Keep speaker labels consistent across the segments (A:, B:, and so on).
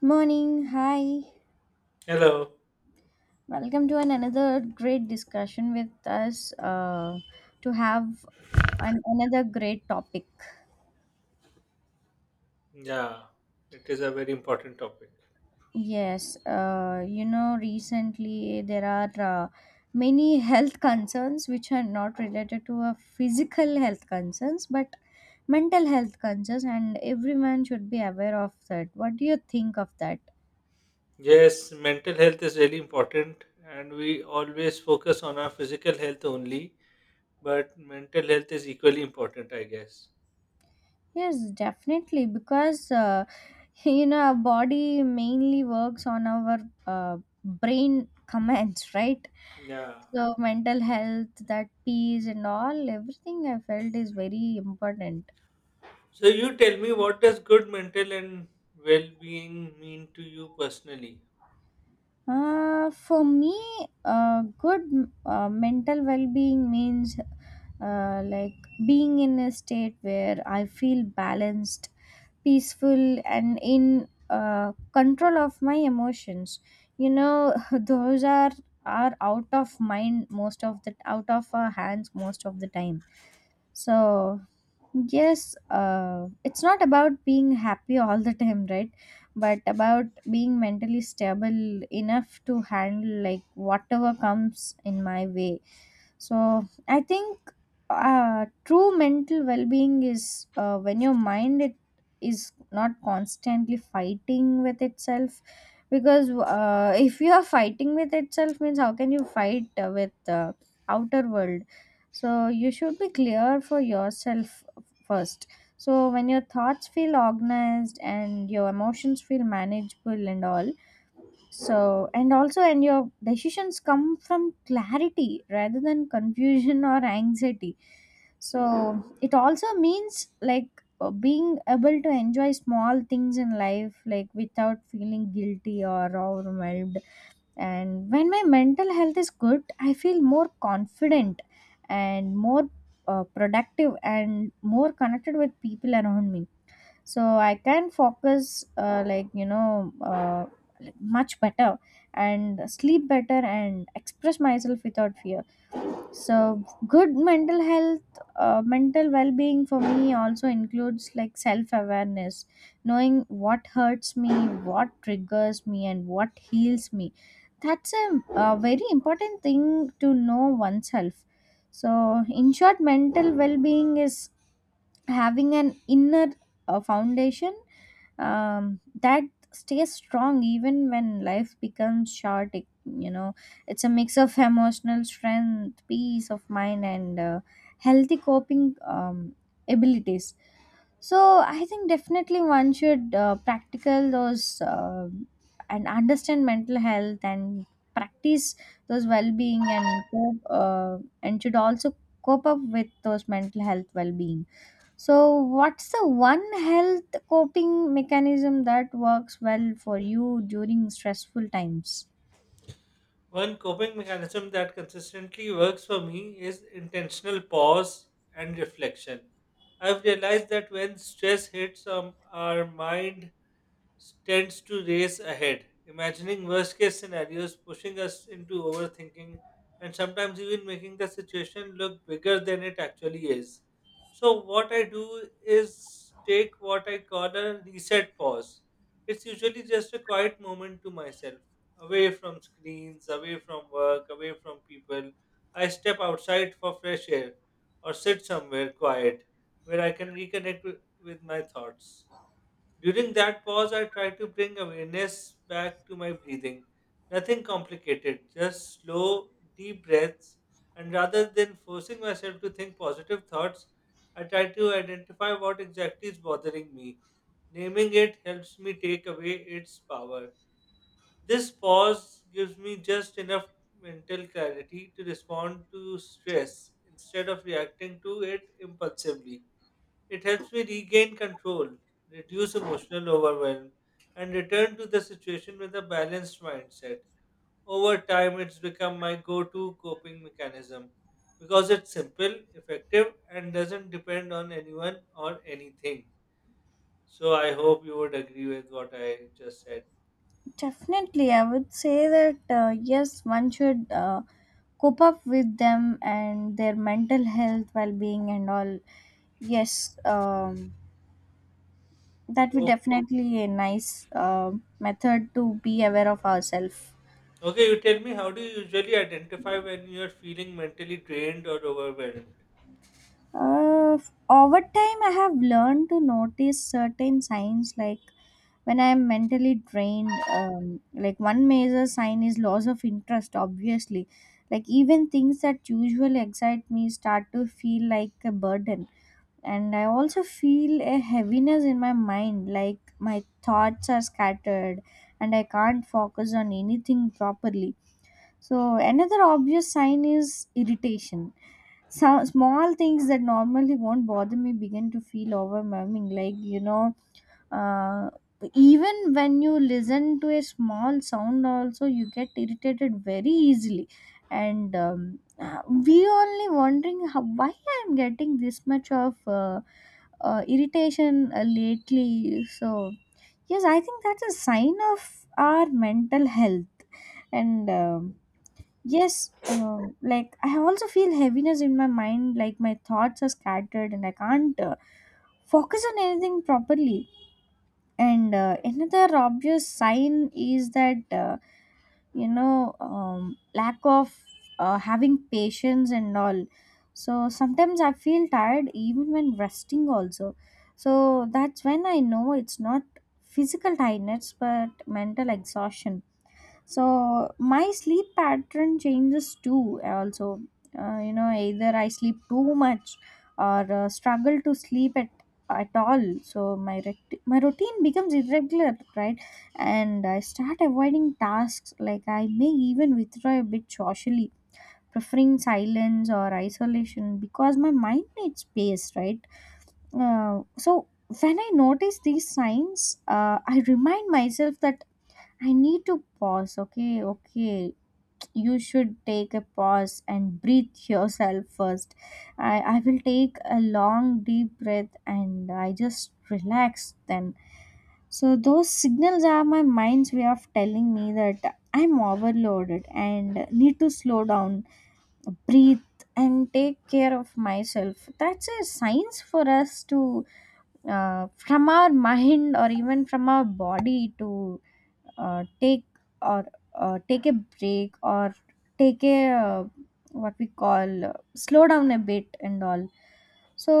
A: Morning, hi.
B: Hello.
A: Welcome to an another great discussion with us, to have another great topic.
B: Yeah, it is a very important topic.
A: Yes, recently there are many health concerns which are not related to a physical health concerns but mental health concerns, and everyone should be aware of that. What do you think of that?
B: Yes, mental health is really important, and we always focus on our physical health only, but mental health is equally important, I guess.
A: Yes, definitely, because you know our body mainly works on our uh, brain commands, right?
B: Yeah.
A: So mental health, that peace, and all everything I felt is very important.
B: So you tell me, what does good mental and well-being mean to you personally?
A: For me, good mental well being means like being in a state where I feel balanced, peaceful, and in control of my emotions. You know, those are out of mind most of the out of our hands most of the time so. Yes, it's not about being happy all the time, right? But about being mentally stable enough to handle like whatever comes in my way. So I think true mental well-being is when your mind it is not constantly fighting with itself. Because if you are fighting with itself, means how can you fight with outer world? So you should be clear for yourself first. So when your thoughts feel organized and your emotions feel manageable and all, so and also and your decisions come from clarity rather than confusion or anxiety. So it also means like being able to enjoy small things in life like without feeling guilty or overwhelmed, and when my mental health is good, I feel more confident and more productive and more connected with people around me. So I can focus, much better and sleep better and express myself without fear. So good mental health, mental well-being for me also includes like self-awareness, knowing what hurts me, what triggers me and what heals me. That's a very important thing, to know oneself. So in short, mental well-being is having an inner foundation that stays strong even when life becomes short, you know. It's a mix of emotional strength, peace of mind, and healthy coping abilities. So I think definitely one should practical those, and understand mental health and practice those well-being and cope, and should also cope up with those mental health well-being. So what's the one health coping mechanism that works well for you during stressful times?
B: One coping mechanism that consistently works for me is intentional pause and reflection. I've realized that when stress hits, our mind tends to race ahead, imagining worst case scenarios, pushing us into overthinking, and sometimes even making the situation look bigger than it actually is. So, what I do is take what I call a reset pause. It's usually just a quiet moment to myself away from screens, away from work, away from people. I step outside for fresh air or sit somewhere quiet where I can with my thoughts. During that pause, I try to bring awareness back to my breathing. Nothing complicated, just slow, deep breaths. And rather than forcing myself to think positive thoughts, I try to identify what exactly is bothering me. Naming it helps me take away its power. This pause gives me just enough mental clarity to respond to stress instead of reacting to it impulsively. It helps me regain control, reduce emotional overwhelm, and return to the situation with a balanced mindset. Over time, it's become my go to coping mechanism because it's simple, effective, and doesn't depend on anyone or anything. So, I hope you would agree with what I just said.
A: Definitely, I would say that, yes, one should cope up with them and their mental health, well being, and all. Yes, that would definitely a nice method to be aware of ourselves.
B: Okay, you tell me, how do you usually identify when you're feeling mentally drained or overwhelmed?
A: Uh, Over time, I have learned to notice certain signs like when I'm mentally drained. Like one major sign is loss of interest, obviously. Like even things that usually excite me start to feel like a burden. And I also feel a heaviness in my mind, like my thoughts are scattered and I can't focus on anything properly. So another obvious sign is irritation. Some small things that normally won't bother me begin to feel overwhelming. Like you know, uh, even when you listen to a small sound, also you get irritated very easily. And we only wondering how, why I'm getting this much of irritation lately. So yes, I think that's a sign of our mental health and. Yes, like I also feel heaviness in my mind, like my thoughts are scattered and I can't focus on anything properly. And another obvious sign is that, lack of having patience and all. So sometimes I feel tired even when resting, also. So that's when I know it's not physical tiredness but mental exhaustion. So my sleep pattern changes too, also. You know, either I sleep too much or struggle to sleep at all. So my routine becomes irregular, right? And I start avoiding tasks, like I may even withdraw a bit socially, preferring silence or isolation because my mind needs space, right? So when I notice these signs, I remind myself that I need to pause. Okay, okay, you should take a pause and breathe yourself first. I will take a long, deep breath and I just relax then. So, those signals are my mind's way of telling me that I'm overloaded and need to slow down, breathe, and take care of myself. That's a science for us to, from our mind or even from our body, to take, or take a break, or take a what we call slow down a bit and all. So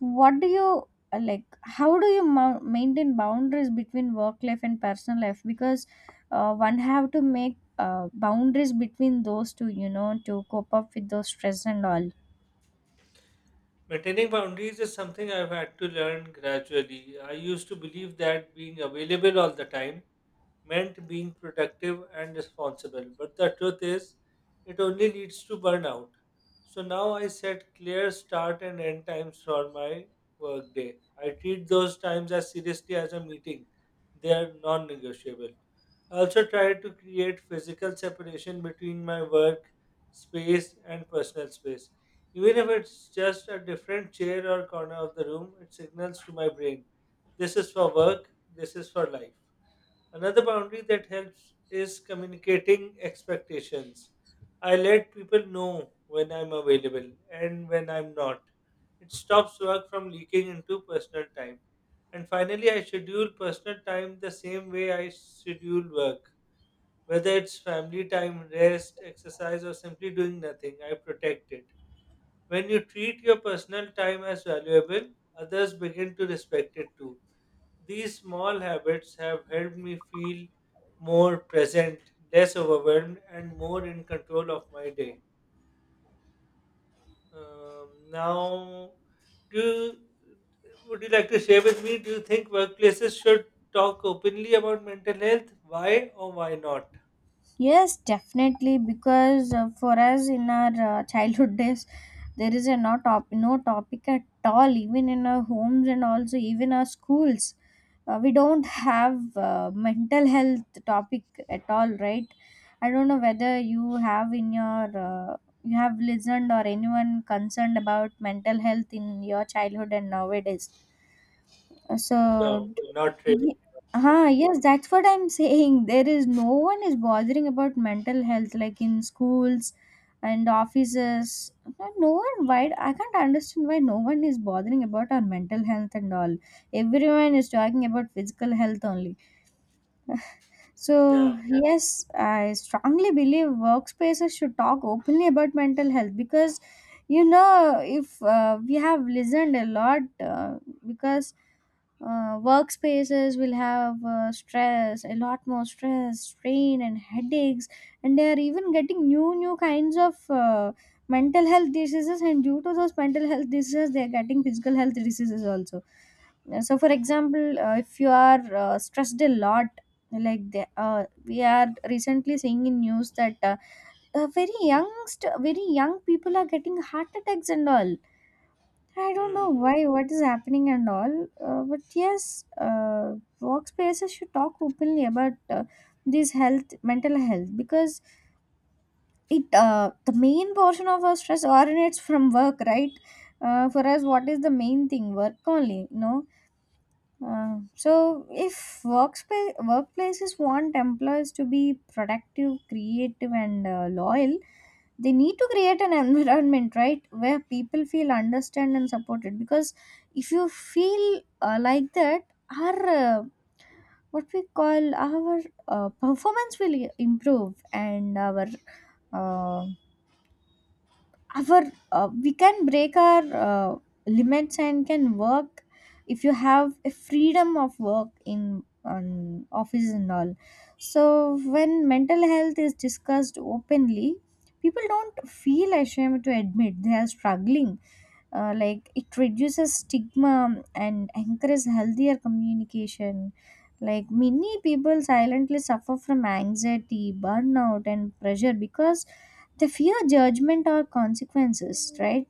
A: what do you, like how do you maintain boundaries between work life and personal life? Because one have to make boundaries between those two, you know, to cope up with those stress and all.
B: Maintaining boundaries is something I've had to learn gradually. I used to believe that being available all the time meant being productive and responsible. But the truth is, it only leads to burnout. So now I set clear start and end times for my workday. I treat those times as seriously as a meeting, they are non negotiable. I also try to create physical separation between my work space and personal space. Even if it's just a different chair or corner of the room, it signals to my brain this is for work, this is for life. Another boundary that helps is communicating expectations. I let people know when I'm available and when I'm not. It stops work from leaking into personal time. And finally, I schedule personal time the same way I schedule work. Whether it's family time, rest, exercise, or simply doing nothing, I protect it. When you treat your personal time as valuable, others begin to respect it too. These small habits have helped me feel more present, less overwhelmed, and more in control of my day. Now, do you, would you like to share with me? Do you think workplaces should talk openly about mental health? Why or why not?
A: Yes, definitely. Because for us in our childhood days, there is a no top no topic at all. Even in our homes and also even our schools, we don't have mental health topic at all, right? I don't know whether you have in your, you have listened or anyone concerned about mental health in your childhood and nowadays. So,
B: No,
A: d-
B: not really.
A: y-
B: Not
A: huh,
B: really.
A: yes, that's what I'm saying. There is no one is bothering about mental health like in schools and offices. No, no one. Why I can't understand why no one is bothering about our mental health and all. Everyone is talking about physical health only. So,
B: Yeah.
A: yeah, yes, I strongly believe workspaces should talk openly about mental health, because you know, if we have listened a lot, because workspaces will have stress, a lot more stress, strain, and headaches, and they are even getting new, new kinds of mental health diseases. And due to those mental health diseases, they are getting physical health diseases also. So, for example, if you are stressed a lot, like we are recently seeing in news that very young people are getting heart attacks and all. I don't
B: Hmm.
A: know why, what is happening and all. But yes, workspaces should talk openly about this health mental health, because it the main portion of our stress originates from work, right? For us, what is the main thing? Work only, no. So, if workspace workplaces want employees to be productive, creative, and loyal, they need to create an environment, right, where people feel understood and supported. Because if you feel like that, our, what we call, our performance will improve, and uh, our we can break our limits and can work if you have a freedom of work in on office and all. So when mental health is discussed openly, people don't feel ashamed to admit they are struggling. Like, it reduces stigma and encourages healthier communication. Like many people silently suffer from anxiety, burnout and pressure because they fear judgment or consequences, right?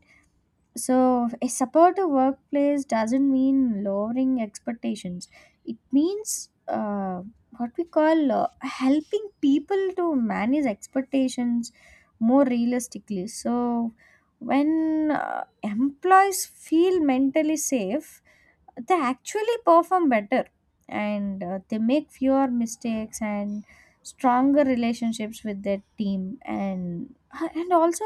A: So, a supportive workplace doesn't mean lowering expectations. It means, what we call, helping people to manage expectations more realistically. So, when employees feel mentally safe, they actually perform better, and they make fewer mistakes and stronger relationships with their team, and also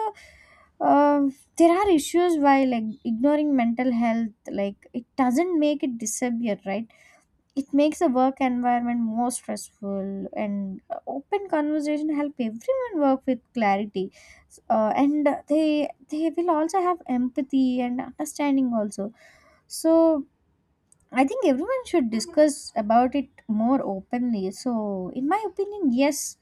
A: uh, there are issues why, like ignoring mental health, like it doesn't make it disappear, right? It makes the work environment more stressful, and open conversation help everyone work with clarity, and they will also have empathy and understanding also. So I think everyone should discuss about it more openly. So, in my opinion, yes,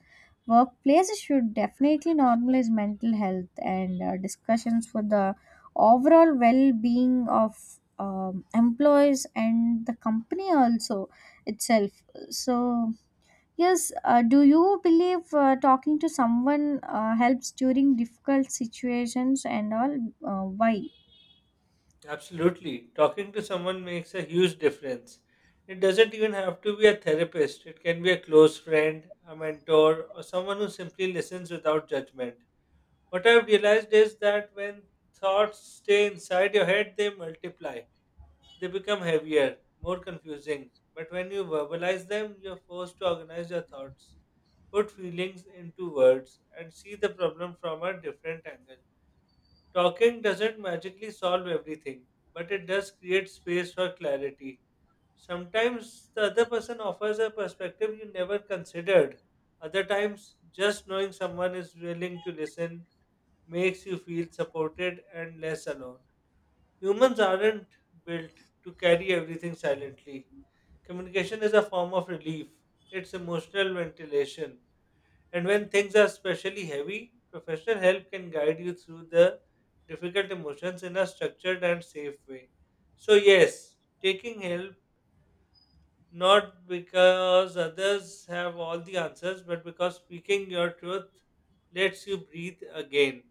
A: workplaces should definitely normalize mental health and discussions for the overall well-being of employees and the company also itself. So, yes, do you believe talking to someone helps during difficult situations and all? Why?
B: Absolutely. Talking to someone makes a huge difference. It doesn't even have to be a therapist, it can be a close friend, a mentor, or someone who simply listens without judgment. What I've realized is that when thoughts stay inside your head, they multiply. They become heavier, more confusing. But when you verbalize them, you're forced to organize your thoughts, put feelings into words, and see the problem from a different angle. Talking doesn't magically solve everything, but it does create space for clarity. Sometimes the other person offers a perspective you never considered. Other times, just knowing someone is willing to listen makes you feel supported and less alone. Humans aren't built to carry everything silently. Communication is a form of relief, it's emotional ventilation. And when things are especially heavy, professional help can guide you through the difficult emotions in a structured and safe way. So, yes, taking help, not because others have all the answers, but because speaking your truth lets you breathe again.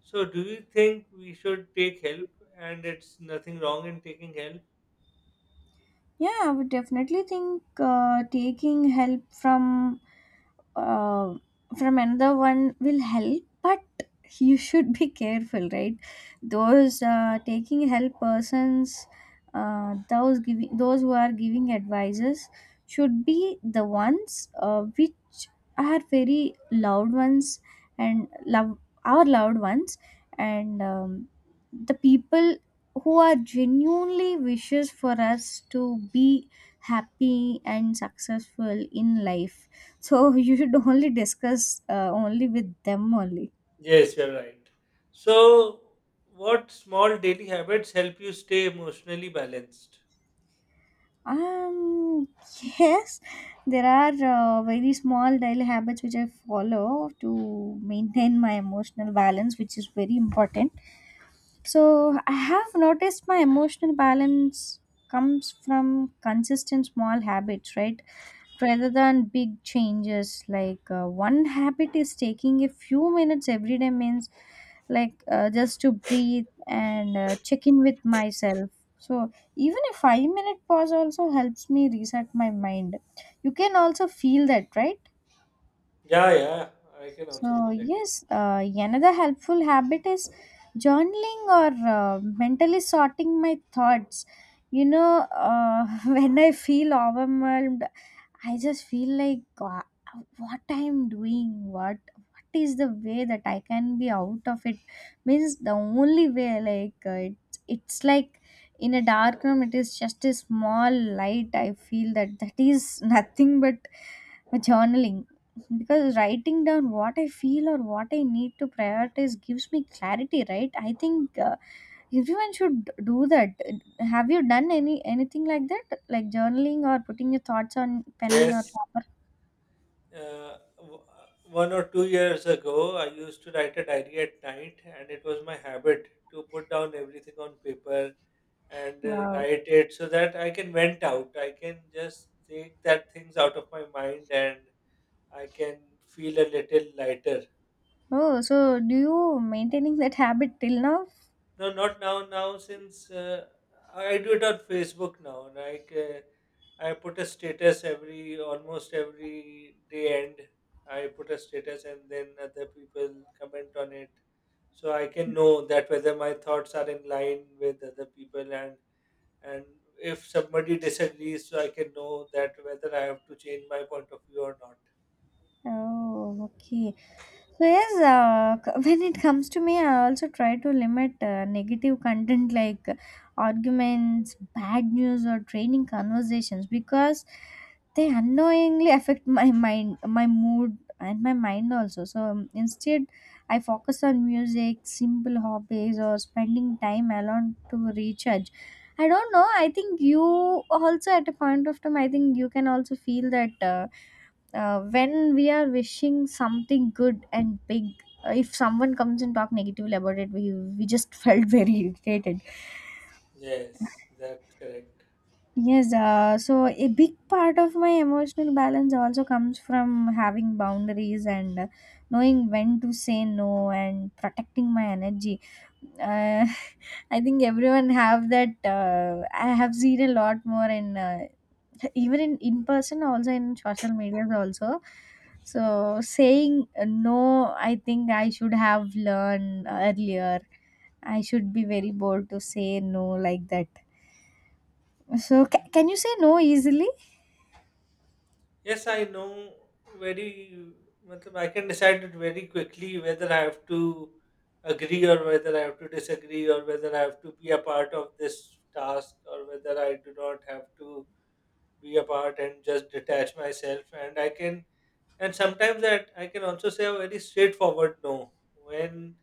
B: So, do you think we should take help and it's nothing wrong in taking help?
A: Yeah, I would definitely think taking help from, uh, from another one will help, but you should be careful, right? Those, taking help persons those giving those who are giving advices should be the ones, which are very loved ones and love our loved ones, and the people who are genuinely wishes for us to be happy and successful in life. So you should only discuss, only with them only.
B: Yes, you're right. So, what small daily habits help you stay emotionally balanced?
A: Um, yes, there are very small daily habits which I follow to maintain my emotional balance, which is very important. So I have noticed my emotional balance comes from consistent small habits, right? Rather than big changes. Like one habit is taking a few minutes every day, means like just to breathe and check in with myself. So even a 5 minute pause also helps me reset my mind. You can also feel that, right?
B: Yeah, yeah, I can also
A: So,
B: feel it.
A: yes, another helpful habit is journaling or mentally sorting my thoughts. When I feel overwhelmed I just feel like what I'm doing, what is the way that I can be out of it? Means the only way, like it's like in a dark room, it is just a small light. I feel that is nothing but journaling, because writing down what I feel or what I need to prioritize gives me clarity, right? I think. Everyone should do that. Have you done anything like that, like journaling or putting your thoughts on pen or
B: Yes,
A: paper?
B: 1 or 2 years ago, I used to write a diary at night, and it was my habit to put down everything on paper and
A: Wow.
B: write it so that I can vent out. I can just take that things out of my mind, and I can feel a little lighter.
A: Oh, so do you maintaining that habit till now?
B: No, not now. Now, since I do it on Facebook now, like, I put a status every almost every day end. I put a status and then other people comment on it, so I can know that whether my thoughts are in line with other people, and and if somebody disagrees, so I can know that whether I have to change my point of view or not.
A: Oh, okay. So yes, when it comes to me, I also try to limit negative content like arguments, bad news, or draining conversations, because they unknowingly affect my mind, my mood, and my mind also. So instead, I focus on music, simple hobbies, or spending time alone to recharge. I don't know. I think you also at a point of time. I think you can also feel that. When we are wishing something good and big, if someone comes and talk negatively about it, we just felt very irritated.
B: Yes, that's correct.
A: Yes, so a big part of my emotional balance also comes from having boundaries and, knowing when to say no and protecting my energy. uh, I think everyone have that. I have seen a lot more in, even in person, also in social medias also. So saying no, I think I should have learned earlier. I should be very bold to say no like that. So can you say no easily?
B: Yes, I know very, matlab, I can decide it very quickly whether I have to agree or whether I have to disagree or whether I have to be a part of this task or whether I do not have to be a part and just detach myself. And sometimes that I can also say a very straightforward no when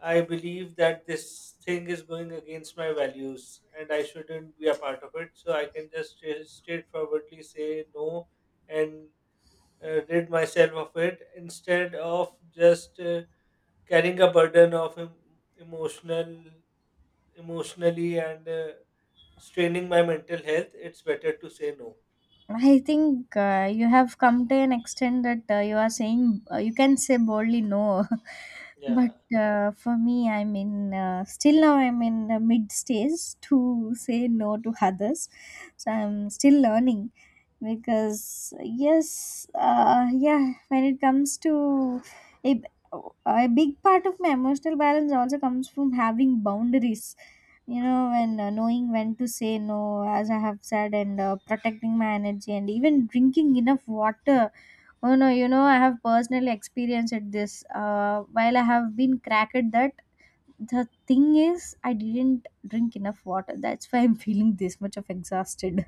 B: I believe that this thing is going against my values and I shouldn't be a part of it. So I can just straightforwardly say no and rid myself of it instead of just carrying a burden of em- emotional emotionally and straining my mental health. It's better to say no.
A: I think you have come to an extent that you are saying you can say boldly no, but
B: Yeah.
A: for me, I'm in, still now, I'm in mid stage to say no to others, so I'm still learning. Because yes, yeah, when it comes to a, a big part of my emotional balance also comes from having boundaries, you know, and knowing when to say no, as I have said, and protecting my energy and even drinking enough water. Oh no, you know, I have personally experienced this, while I have been cracked that the thing is, I didn't drink enough water. That's why I'm feeling this much of exhausted.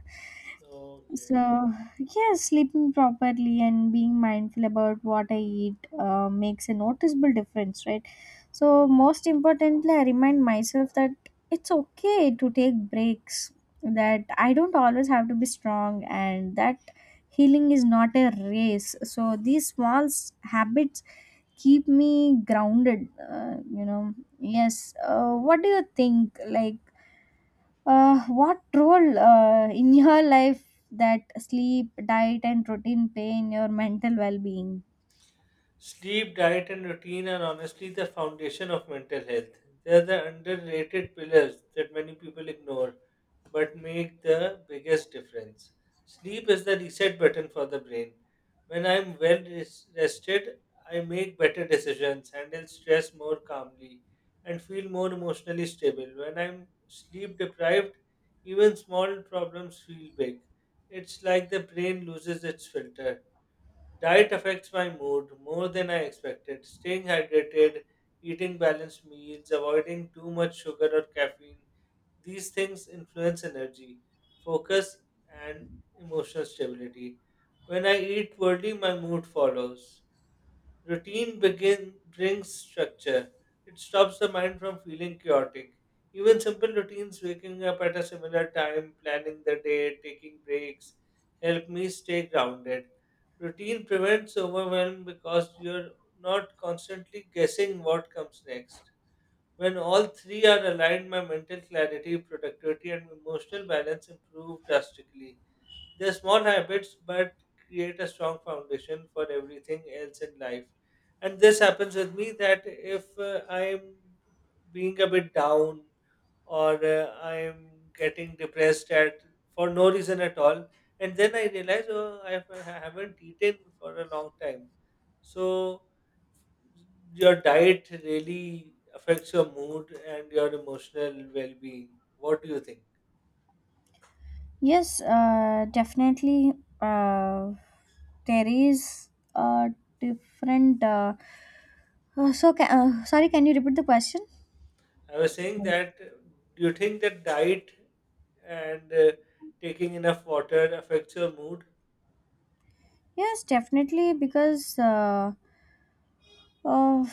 B: Okay.
A: So, yeah, sleeping properly and being mindful about what I eat makes a noticeable difference, right? So, most importantly, I remind myself that it's okay to take breaks, that I don't always have to be strong, and that healing is not a race. So, these habits keep me grounded, you know. Yes, what do you think? Like, what role, in your life, that sleep, diet, and routine play in your mental well-being?
B: Sleep, diet, and routine are honestly the foundation of mental health. They're the underrated pillars that many people ignore but make the biggest difference. Sleep is the reset button for the brain. When I'm well rested, I make better decisions, handle stress more calmly, and feel more emotionally stable. When I'm sleep deprived, even small problems feel big. It's like the brain loses its filter. Diet affects my mood more than I expected. Staying hydrated, eating balanced meals, avoiding too much sugar or caffeine, these things influence energy, focus, and emotional stability. When I eat worthy, my mood follows. Routine begin brings structure. It stops the mind from feeling chaotic. Even simple routines, waking up at a similar time, planning the day, taking breaks, help me stay grounded. Routine prevents overwhelm because you're not constantly guessing what comes next. When all three are aligned, my mental clarity, productivity, and emotional balance improve drastically. They're small habits, but create a strong foundation for everything else in life. And this happens with me that if I'm being a bit down or I'm getting depressed at for no reason at all, and then I realize, oh, I haven't eaten for a long time. So your diet really affects your mood and your emotional well-being. What do you think?
A: Yes, definitely. Uh, there is a different. So, ca- Sorry, can you repeat the question?
B: I was saying
A: Right.
B: that, do you think that diet and taking enough water affects your mood?
A: Yes, definitely, because uh,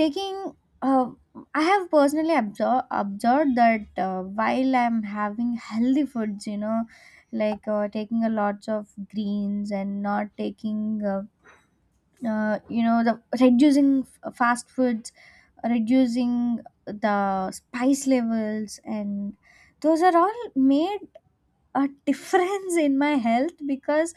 A: taking uh, I have personally observed that, while I'm having healthy foods, you know, like taking a lots of greens and not taking, you know, the reducing fast foods, reducing the spice levels, and those are all made a difference in my health, because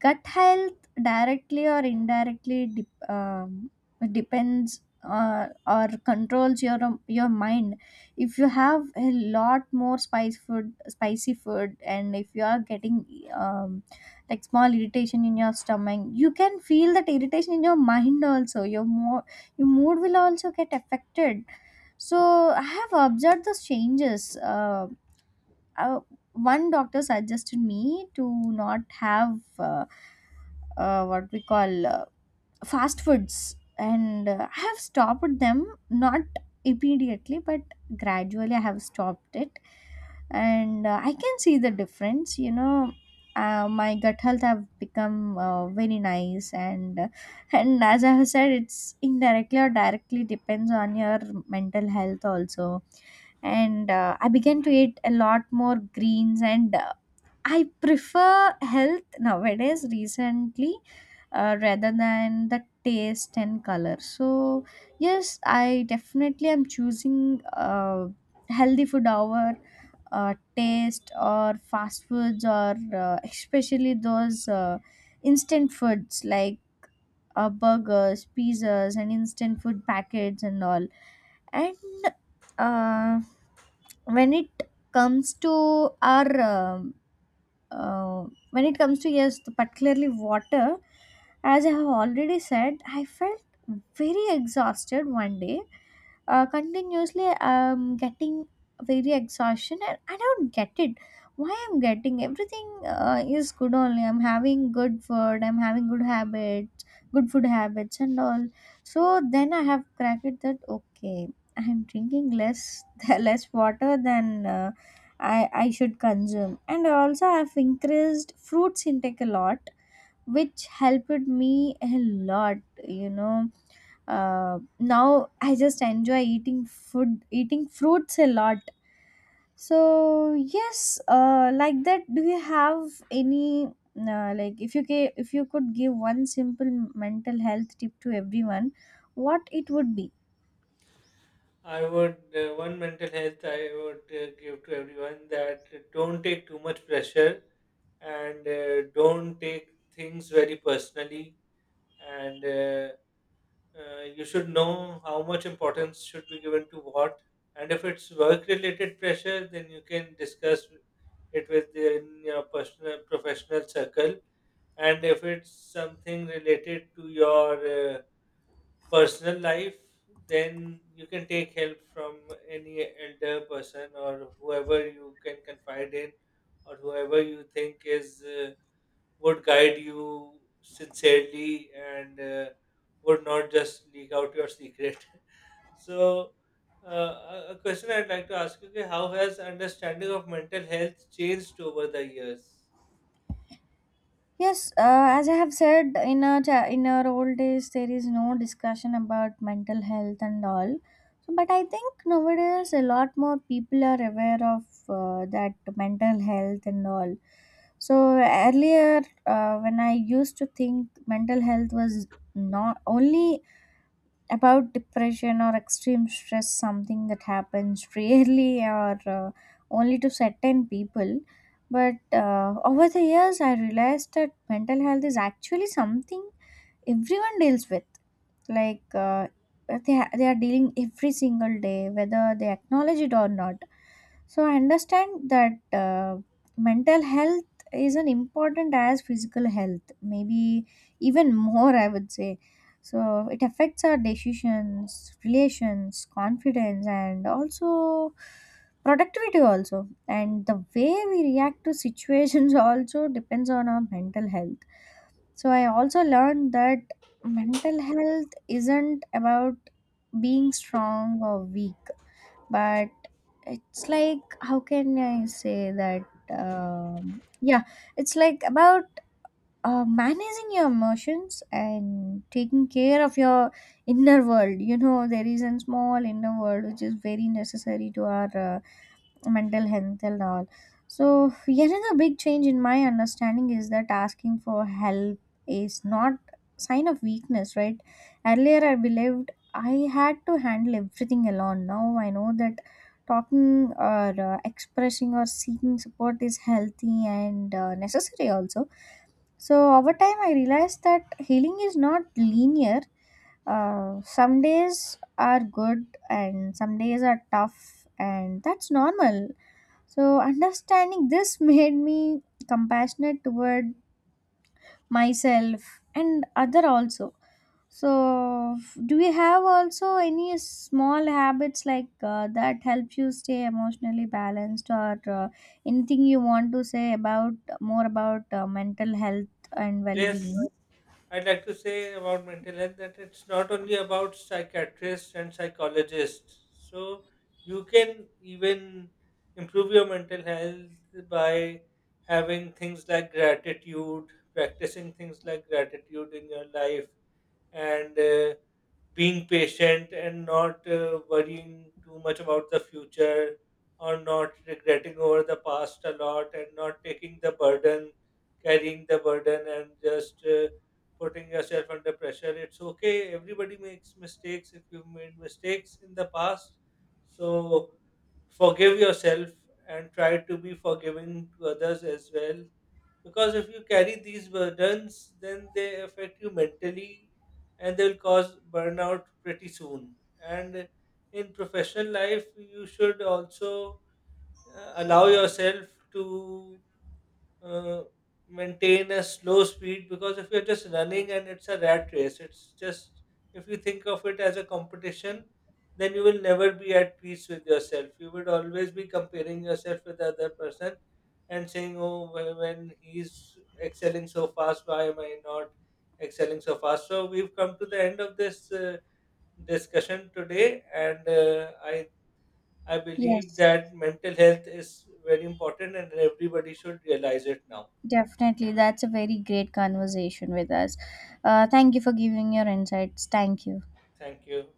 A: gut health directly or indirectly depends, or controls your mind. If you have a lot more spice food spicy food and if you are getting, um, like, small irritation in your stomach, you can feel that irritation in your mind also. Your mood will also get affected. So I have observed those changes. Uh, One doctor suggested me to not have, what we call, fast foods, and I have stopped them, not immediately but gradually. I have stopped it, and I can see the difference, you know. My gut health have become very nice, and, and as I have said, it's indirectly or directly depends on your mental health also. And I began to eat a lot more greens, and I prefer health nowadays recently, rather than the taste and color. So, yes, I definitely am choosing healthy food over taste or fast foods, or especially those, instant foods like burgers, pizzas, and instant food packets and all. And uh, when it comes to our uh, when it comes to, yes, the particularly water, as I have already said, I felt very exhausted one day, continuously getting very exhaustion, and I don't get it why I'm getting everything. Is good only. I'm having good food, I'm having good habits, good food habits and all. So then I have cracked it that, okay, I'm drinking less less water than I should consume. And also I've increased fruits intake a lot, which helped me a lot, you know. Now I just enjoy eating food, eating fruits a lot. So yes, like that. Do you have any like if you if you could give one simple mental health tip to everyone, what it would be?
B: I would One mental health I would give to everyone: that don't take too much pressure and don't take things very personally, and you should know how much importance should be given to what. And if it's work related pressure, then you can discuss it within your personal professional circle. And if it's something related to your personal life, then you can take help from any elder person or whoever you can confide in, or whoever you think is would guide you sincerely and would not just leak out your secret. So, a question I'd like to ask you: okay, how has understanding of mental health changed over the years?
A: Yes, as I have said, in our in our old days, there is no discussion about mental health and all. So, but I think nowadays a lot more people are aware of that mental health and all. So earlier, when I used to think mental health was not only about depression or extreme stress, something that happens rarely, or only to certain people. But over the years I realized that mental health is actually something everyone deals with, like they are dealing every single day, whether they acknowledge it or not. So I understand that mental health is an important as physical health, maybe even more, I would say. So it affects our decisions, relations, confidence, and also productivity also, and the way we react to situations also depends on our mental health. So I also learned that mental health isn't about being strong or weak, but it's like, how can I say that? Yeah, it's like about managing your emotions and taking care of your inner world. You know, there is a small inner world which is very necessary to our mental health and all. So yet another big change in my understanding is that asking for help is not sign of weakness, right? Earlier I believed I had to handle everything alone. Now I know that talking, or expressing, or seeking support is healthy and necessary also. So over time, I realized that healing is not linear. Some days are good and some days are tough, and that's normal. So understanding this made me compassionate toward myself and other also. So do you have also any small habits like that help you stay emotionally balanced, or anything you want to say about more about mental health and well-being?
B: Yes. I'd like to say about mental health that it's not only about psychiatrists and psychologists. So you can even improve your mental health by having things like gratitude, practicing things like gratitude in your life, and being patient and not worrying too much about the future, or not regretting over the past a lot, and not taking the burden, carrying the burden, and just putting yourself under pressure. It's okay, everybody makes mistakes. If you've made mistakes in the past, so forgive yourself and try to be forgiving to others as well, because if you carry these burdens, then they affect you mentally and they'll cause burnout pretty soon. And in professional life, you should also allow yourself to uh, maintain a slow speed, because if you're just running and it's a rat race, it's just, if you think of it as a competition, then you will never be at peace with yourself. You would always be comparing yourself with the other person and saying, "Oh, when he's excelling so fast, why am I not excelling so fast?" So we've come to the end of this discussion today, and I believe
A: Yes,
B: that mental health is very important, and everybody should realize it now.
A: definitely. That's a very great conversation with us. Thank you for giving your insights. Thank you.
B: Thank you.